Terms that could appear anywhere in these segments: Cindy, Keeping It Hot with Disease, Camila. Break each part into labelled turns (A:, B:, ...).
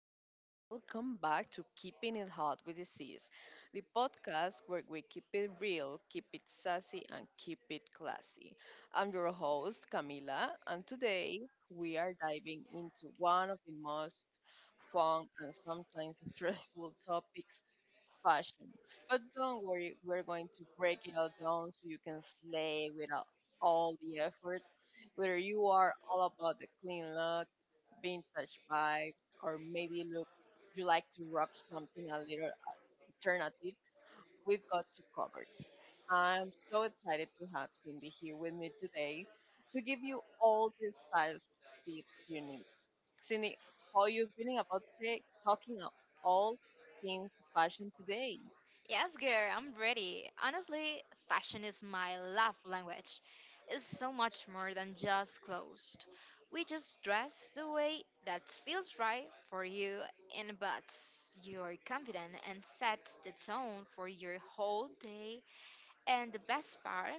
A: everyone? Welcome back to Keeping It Hot with Disease, the podcast where we keep it real, keep it sassy, and keep it classy. I'm your host, Camila, and today we are diving into one of the most fun and sometimes stressful topics fashion. But don't worry, we're going to break it all down so you can slay without all the effort. Whether you are all about the clean look, been touched by, or maybe look, you like to rock something a little alternative, we've got you covered. I'm so excited to have Cindy here with me today to give you all the style tips you need. Cindy, how are you feeling about today, talking about all things fashion today?
B: Yes, girl, I'm ready. Honestly, fashion is my love language. It's so much more than just clothes. We just dress the way that feels right for you and buts You're confident and sets the tone for your whole day. And the best part,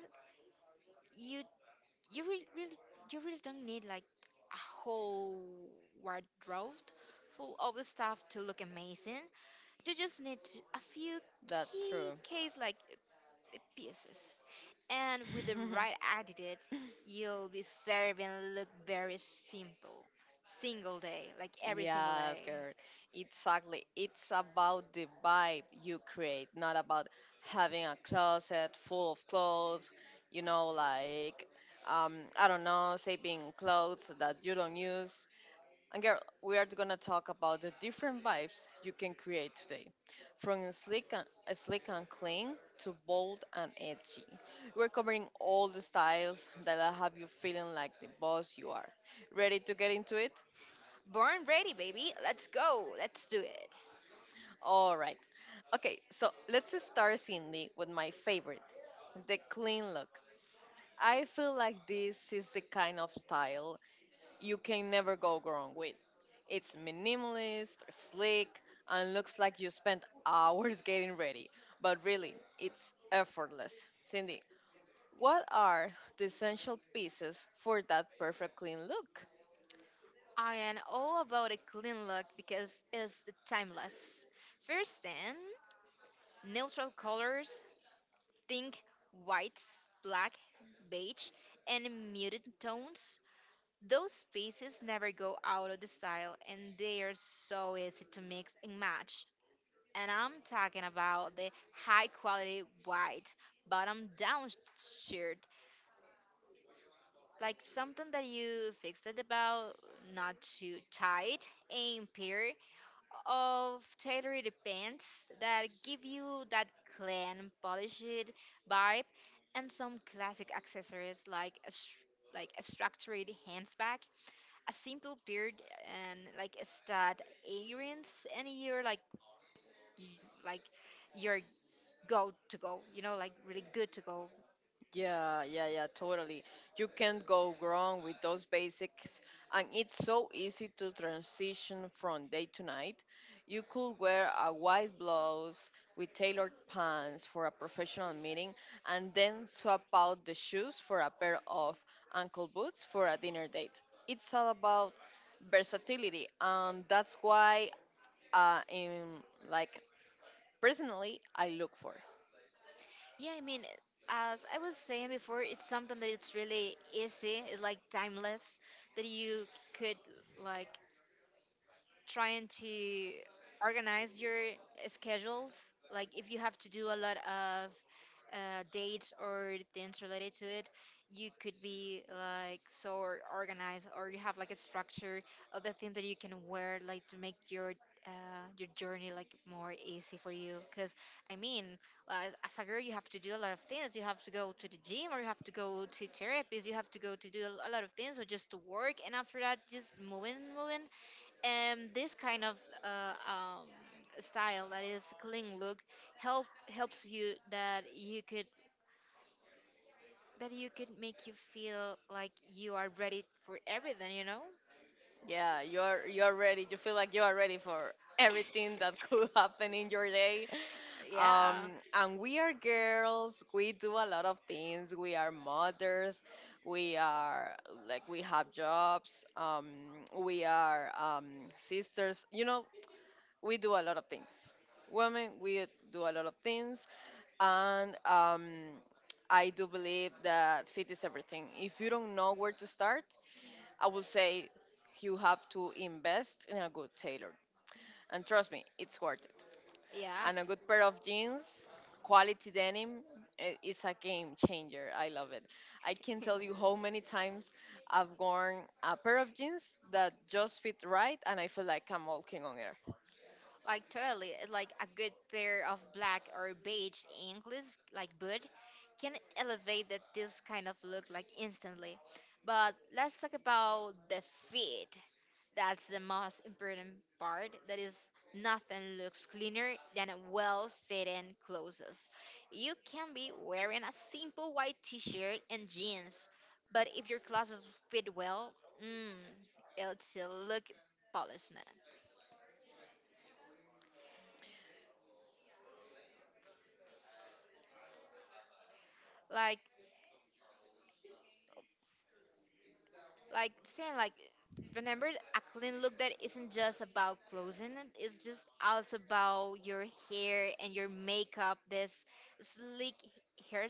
B: you You really, you really don't need like a whole wardrobe full of stuff to look amazing. You just need a few
A: That's
B: key
A: true.
B: case like pieces, and with the right attitude, you'll be serving look very simple, single day, like every single
A: Yes,
B: day.
A: girl. Exactly. It's about the vibe you create, not about having a closet full of clothes, you know, like, um, I don't know, saving clothes that you don't use. And girl, we are gonna talk about the different vibes you can create today, from slick and clean to bold and edgy. We're covering all the styles that'll have you feeling like the boss you are. Ready to get into it?
B: Born ready, baby. Let's go. Let's do it.
A: All right. Okay, so let's start Cindy with my favorite, the clean look. I feel like this is the kind of style you can never go wrong with. It's minimalist, sleek, and looks like you spent hours getting ready, but really, it's effortless. Cindy, what are the essential pieces for that perfect clean look?
B: I am all about a clean look because it's timeless. First thing, neutral colors, think whites, black, beige, and muted tones. Those pieces never go out of the style and they are so easy to mix and match. And I'm talking about the high quality white bottom down shirt, like something that you fixed it about, not too tight and pure, of tailored pants that give you that clean, polished vibe, and some classic accessories like like a structured handbag, a simple beard, and like a stud earrings, and you, like you're go to go, you know, like really good to go.
A: Yeah, yeah, yeah, totally. You can't go wrong with those basics, and it's so easy to transition from day to night. You could wear a white blouse with tailored pants for a professional meeting, and then swap out the shoes for a pair of ankle boots for a dinner date. It's all about versatility, and that's why, in like personally, I look for.
B: Yeah, I mean, as I was saying before, it's something that it's really easy, it's like timeless, that you could like trying to organize your schedules like if you have to do a lot of dates or things related to it, you could be like organized, or you have like a structure of the things that you can wear like to make uh, your journey like more easy for you, because I mean, uh, as a girl you have to do a lot of things. You have to go to the gym, or you have to go to therapies, you have to go to do a lot of things, or just to work, and after that just moving and this kind of uh, um, style that is clean look help helps you that you could make you feel like you are ready for everything, you know.
A: Yeah, you're ready. You feel like you are ready for everything that could happen in your day.
B: yeah
A: Um, and we are girls. We do a lot of things. We are mothers. We are like we have jobs. We are sisters. You know, we do a lot of things. Women, we do a lot of things. And I do believe that fit is everything. If you don't know where to start, I would say you have to invest in a good tailor. And trust me, it's worth it.
B: yeah
A: And a good pair of jeans, quality denim, is a game changer. I love it. I can tell you how many times I've worn a pair of jeans that just fit right and I feel like I'm walking on air.
B: Like totally, like a good pair of black or beige English like boot can elevate that this kind of look like instantly. But let's talk about the fit. That's the most important part. That is, nothing looks cleaner than a well-fitting clothes. You can be wearing a simple white t-shirt and jeans, but if your clothes fit well, mm, it'll still look polished. Like like remember a clean look that isn't just about clothing, it's just also about your hair and your makeup, this sleek hair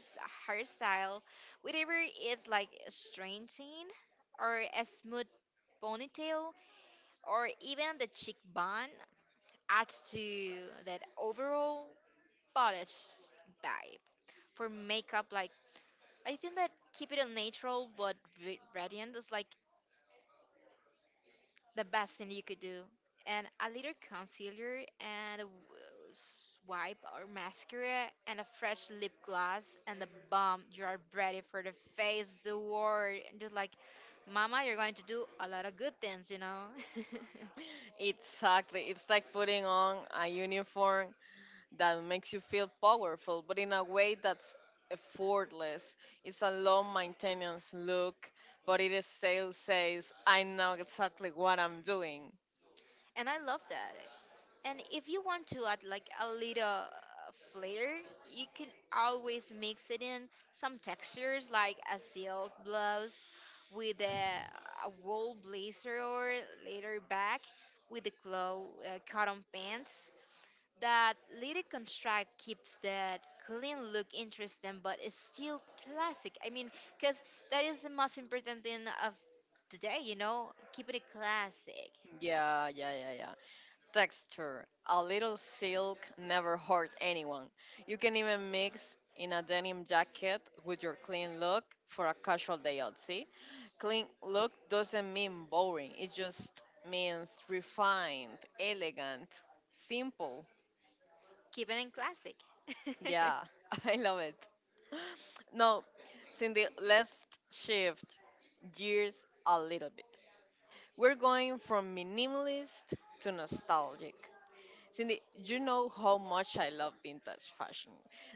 B: hairstyle, whatever, is like a straightened or a smooth ponytail or even the cheekbone adds to that overall polished vibe. For makeup, like, I think that keep it a natural but radiant is like the best thing you could do. And a little concealer and a swipe or mascara and a fresh lip gloss and the bomb. You are ready for the face, the world. And just like, Mama, you're going to do a lot of good things, you know?
A: Exactly. It's like putting on a uniform that makes you feel powerful, but in a way that's effortless. It's a low maintenance look, but it still says, I know exactly what I'm doing.
B: and I love that. And if you want to add like a little flair, you can always mix it in some textures like a silk blouse with a wool blazer or later back with the cloth cotton pants. That little contract keeps that clean look interesting, but it's still classic. I mean, because that is the most important thing of today, you know, keeping it classic,
A: Yeah, yeah, yeah, yeah. Texture. A little silk never hurt anyone. You can even mix in a denim jacket with your clean look for a casual day out. Clean look doesn't mean boring, it just means refined, elegant, simple.
B: keeping it classic.
A: Yeah, I love it. No, Cindy, let's shift gears a little bit. We're going from minimalist to nostalgic. Cindy, you know how much I love vintage fashion.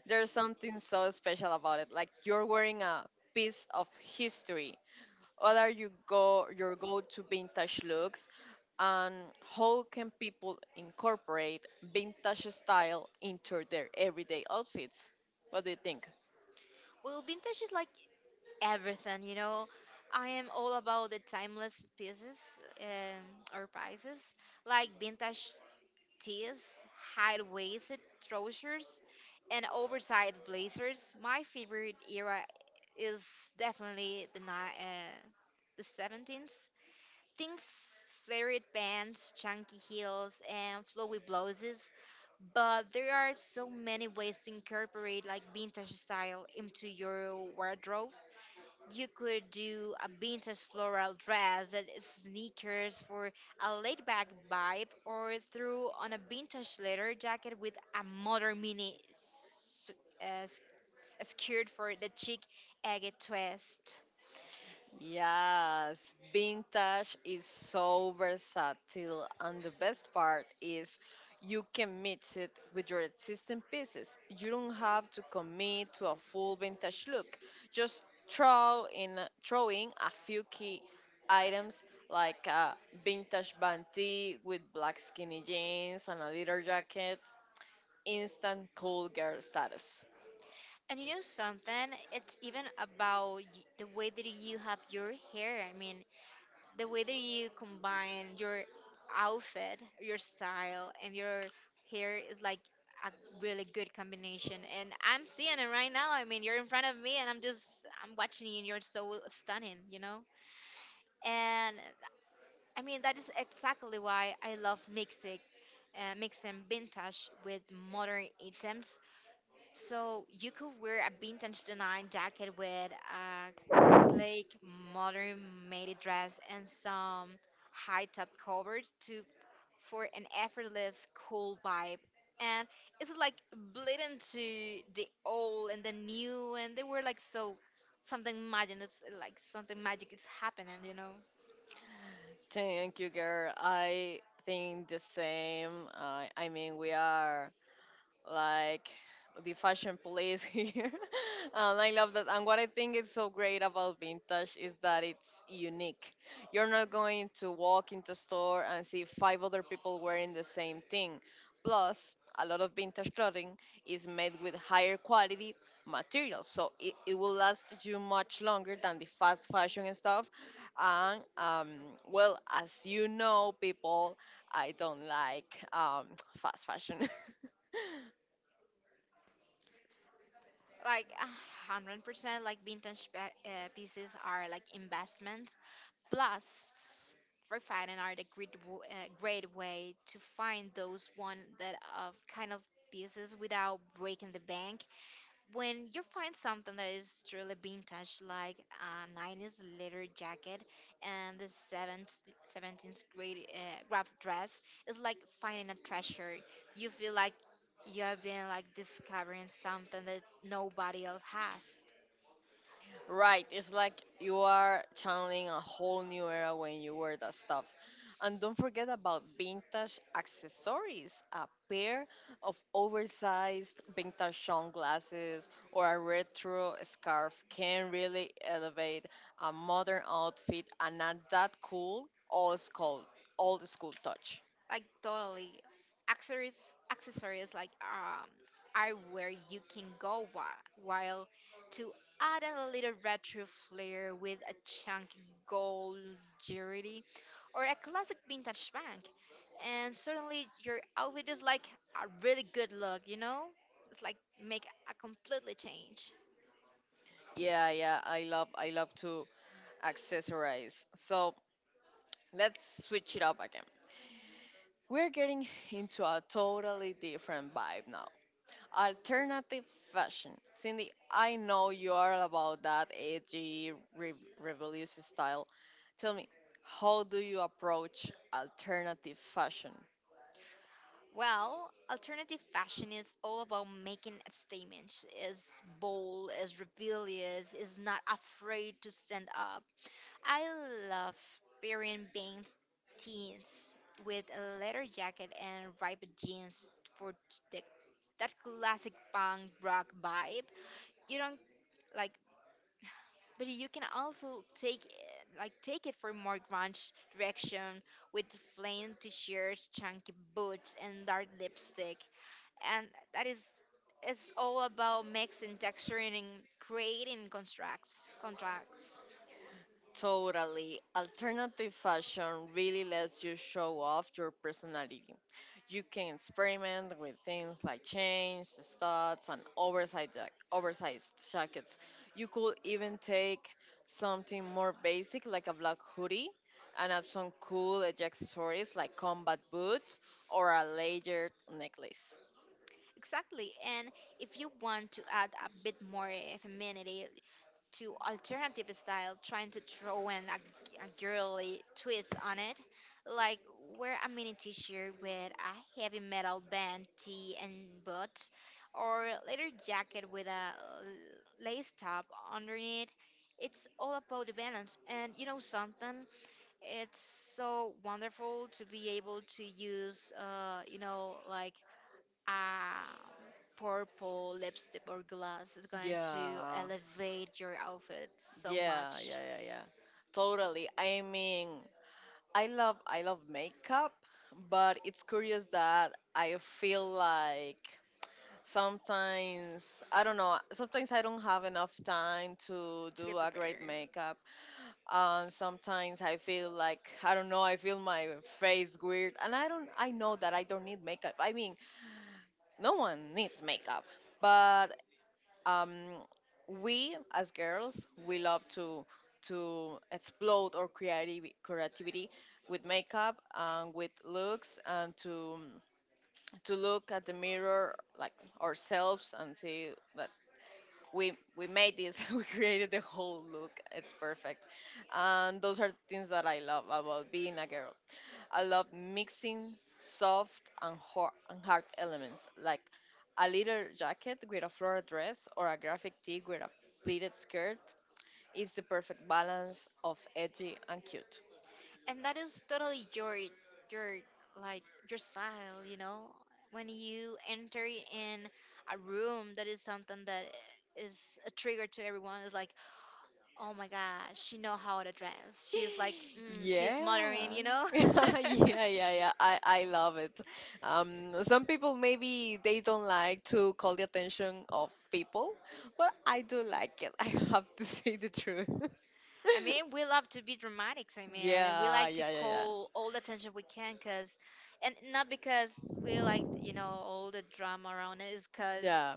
A: There's something so special about it, like you're wearing a piece of history. What are you go your go-to vintage looks? And how can people incorporate vintage style into their everyday outfits? What do you think?
B: Well, vintage is like everything, you know. I am all about the timeless pieces or pieces, like vintage tees, high-waisted trousers, and oversized blazers. My favorite era is definitely the 17s. Things, flared pants, chunky heels, and flowy blouses. But there are so many ways to incorporate like vintage style into your wardrobe. You could do a vintage floral dress that is sneakers for a laid back vibe, or throw on a vintage leather jacket with a modern uh, s- skirt for the chic agate twist.
A: Yes, vintage is so versatile, and the best part is you can mix it with your existing pieces. You don't have to commit to a full vintage look. Just throw in a few key items like a vintage banty with black skinny jeans and a leather jacket. Instant cool girl status.
B: And you know something? It's even about the way that you have your hair. I mean, the way that you combine your outfit, your style, and your hair is like a really good combination. And I'm seeing it right now. I mean, you're in front of me, and I'm watching you, and you're so stunning, you know. And I mean, that is exactly why I love mixing. Mixing vintage with modern items. So you could wear a vintage denim jacket with a sleek, modern maid dress and some high top covers to for an effortless, cool vibe. And it's like bleeding to the old and the new, and they were like so like something magic is happening, you know.
A: Thank you, girl. I think the same. I mean, we are like the fashion police here. And I love that. And what I think is so great about vintage is that it's unique. You're not going to walk into a store and see five other people wearing the same thing. Plus, a lot of vintage clothing is made with higher quality materials, so it will last you much longer than the fast fashion and stuff. And Well, as you know, people, I don't like fast fashion.
B: Like 100%, like vintage pieces are like investments plus refining are the great way to find those one that of kind of pieces without breaking the bank. When you find something that is truly vintage, like a 90s leather jacket and 17th grade wrap dress, it's like finding a treasure. You feel like you have been like discovering something that nobody else has.
A: Right, it's like you are channeling a whole new era when you wear that stuff. And don't forget about vintage accessories a pair of oversized vintage sunglasses or a retro scarf can really elevate a modern outfit and add that old school touch.
B: Like totally. Accessories Accessories like are where you can while to add a little retro flair with a chunky gold jewelry or a classic vintage bank. And suddenly your outfit is like a really good look, you know? It's like make a completely change.
A: Yeah, yeah, I love to accessorize. So let's switch it up again. We're getting into a totally different vibe now. Alternative fashion. Cindy, I know you are about that rebellious style. Tell me, how do you approach alternative fashion?
B: Well, alternative fashion is all about making a statement, is bold, is rebellious, is not afraid to stand up. I love Perian Bane's teens with a leather jacket and ripped jeans for the, that classic punk rock vibe. You don't like but you can also take it for more grunge direction with plain t-shirts, chunky boots, and dark lipstick. And that is it's all about mixing texture and creating contracts.
A: Totally. Alternative fashion really lets you show off your personality. You can experiment with things like chains, studs, and oversized jackets. You could even take something more basic like a black hoodie and add some cool edge accessories like combat boots or a layered necklace.
B: Exactly. And if you want to add a bit more femininity, to alternative style, trying to throw in a girly twist on it. Like wear a mini t-shirt with a heavy metal band, tee and boots, or leather jacket with a lace top underneath. It's all about the balance. And you know something? It's so wonderful to be able to use, you know, like uh, purple lipstick or gloss is going to
A: Yeah,
B: elevate your outfit so
A: yeah,
B: much
A: yeah, yeah, yeah. Totally. I mean, I love makeup, but it's curious that I feel like sometimes I don't know, sometimes I don't have enough time to
B: to get
A: do a great
B: prepared.
A: makeup. And sometimes I feel like I don't know, I feel my face weird and I know that I don't need makeup. I mean, no one needs makeup. But um, we as girls we love to explode our creativity with makeup and with looks and to look at the mirror like ourselves and see uh, we made this we created the whole look it's perfect. And those are things that I love about being a girl. I love mixing soft and hard elements like a little jacket with a floral dress or a graphic tee with a pleated skirt. It's the perfect balance of edgy and cute.
B: And that is totally your like your style, you know. When you enter in a room, that is something that is a trigger to everyone. It's like, oh my god, she know how to dress. She's like, mm, she's
A: Yeah.
B: modern, you know.
A: Yeah, yeah, yeah. I love it. Some people maybe they don't like to call the attention of people, but I do like it. I have to say the truth.
B: I mean, we love to be dramatics. I mean, and we
A: Yeah,
B: like to
A: yeah, yeah, yeah.
B: call all the attention we can, cause, and not because we like, you know, all the drama around it, is cause
A: Yeah.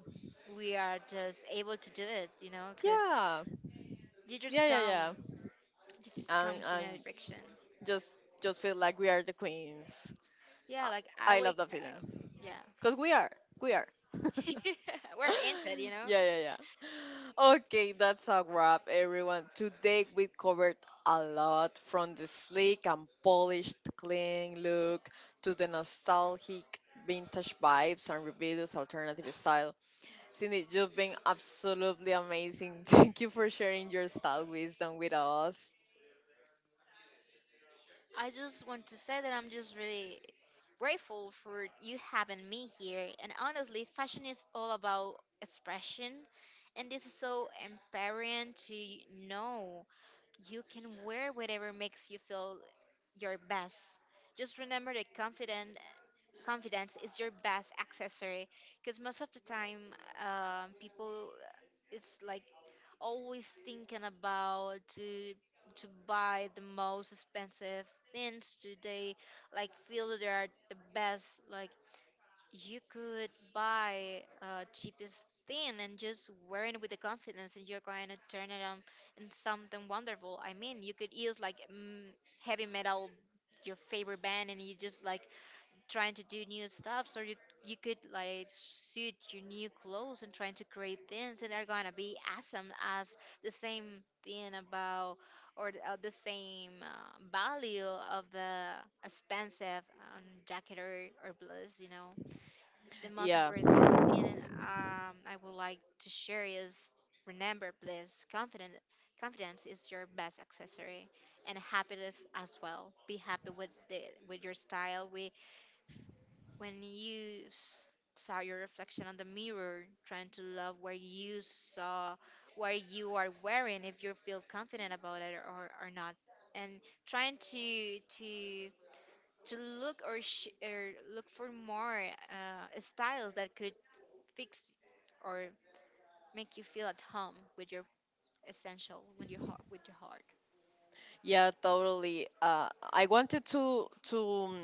B: we are just able to do it. You know, cause
A: Yeah.
B: you just
A: Yeah, yeah,
B: come,
A: yeah.
B: you just come
A: And
B: to
A: and
B: know direction.
A: just just feel like we are the queens.
B: Yeah, like
A: I,
B: I
A: I love
B: wake
A: that feeling.
B: up. Yeah,
A: Cuz we are. We are.
B: we're into it. You know.
A: Yeah, yeah, yeah. Okay, that's a wrap, everyone. Today we covered a lot from the sleek and polished, clean look to the nostalgic vintage vibes and rebellious alternative style. Cindy, you've been absolutely amazing. Thank you for sharing your style wisdom with us.
B: I just want to say that I'm just really grateful for you having me here. And honestly, fashion is all about expression. And this is so empowering to know you can wear whatever makes you feel your best. Just remember that confident confidence is your best accessory, because most of the time people it's like always thinking about to buy the most expensive things today like feel that they are the best, like you could buy cheapest thing and just wear it with the confidence and you're going to turn it on in something wonderful. I mean you could use like heavy metal your favorite band, and you just like trying to do new stuff so you could like suit your new clothes and trying to create things and they're gonna be awesome as the same thing about or the same value of the expensive jacket or blouse, you know, the most
A: Yeah.
B: important thing I would like to share is remember please confident confidence is your best accessory, and happiness as well, be happy with the with your style, with when saw your reflection on the mirror, trying to love where you saw where you are wearing, if you feel confident about it or not, and trying to look or look for more styles that could fix or make you feel at home with your essential with your heart with your heart.
A: Yeah, totally. I wanted um,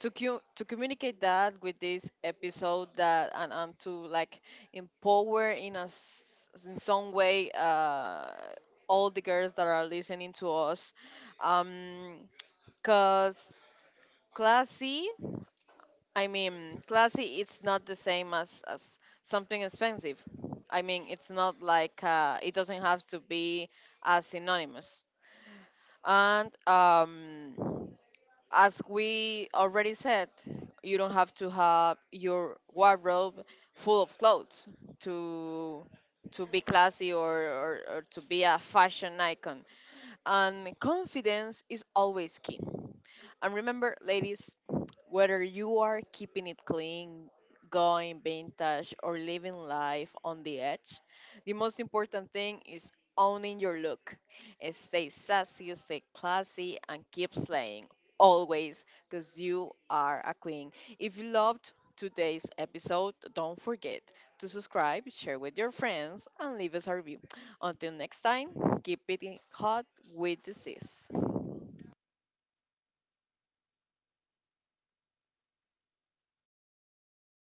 A: to communicate that with this episode that and to like empower in a s in some way all the girls that are listening to us, um, cause classy. I mean, classy. It's not the same as something expensive. I mean, it's not like it doesn't have to be as synonymous. And As we already said, you don't have to have your wardrobe full of clothes to be classy or to be a fashion icon. And confidence is always key. And remember, ladies, whether you are keeping it clean, going vintage, or living life on the edge, the most important thing is owning your look. Stay sassy, stay classy, and keep slaying always because you are a queen. If you loved today's episode, don't forget to subscribe, share with your friends, and leave us a review. Until next time, keep it hot with disease.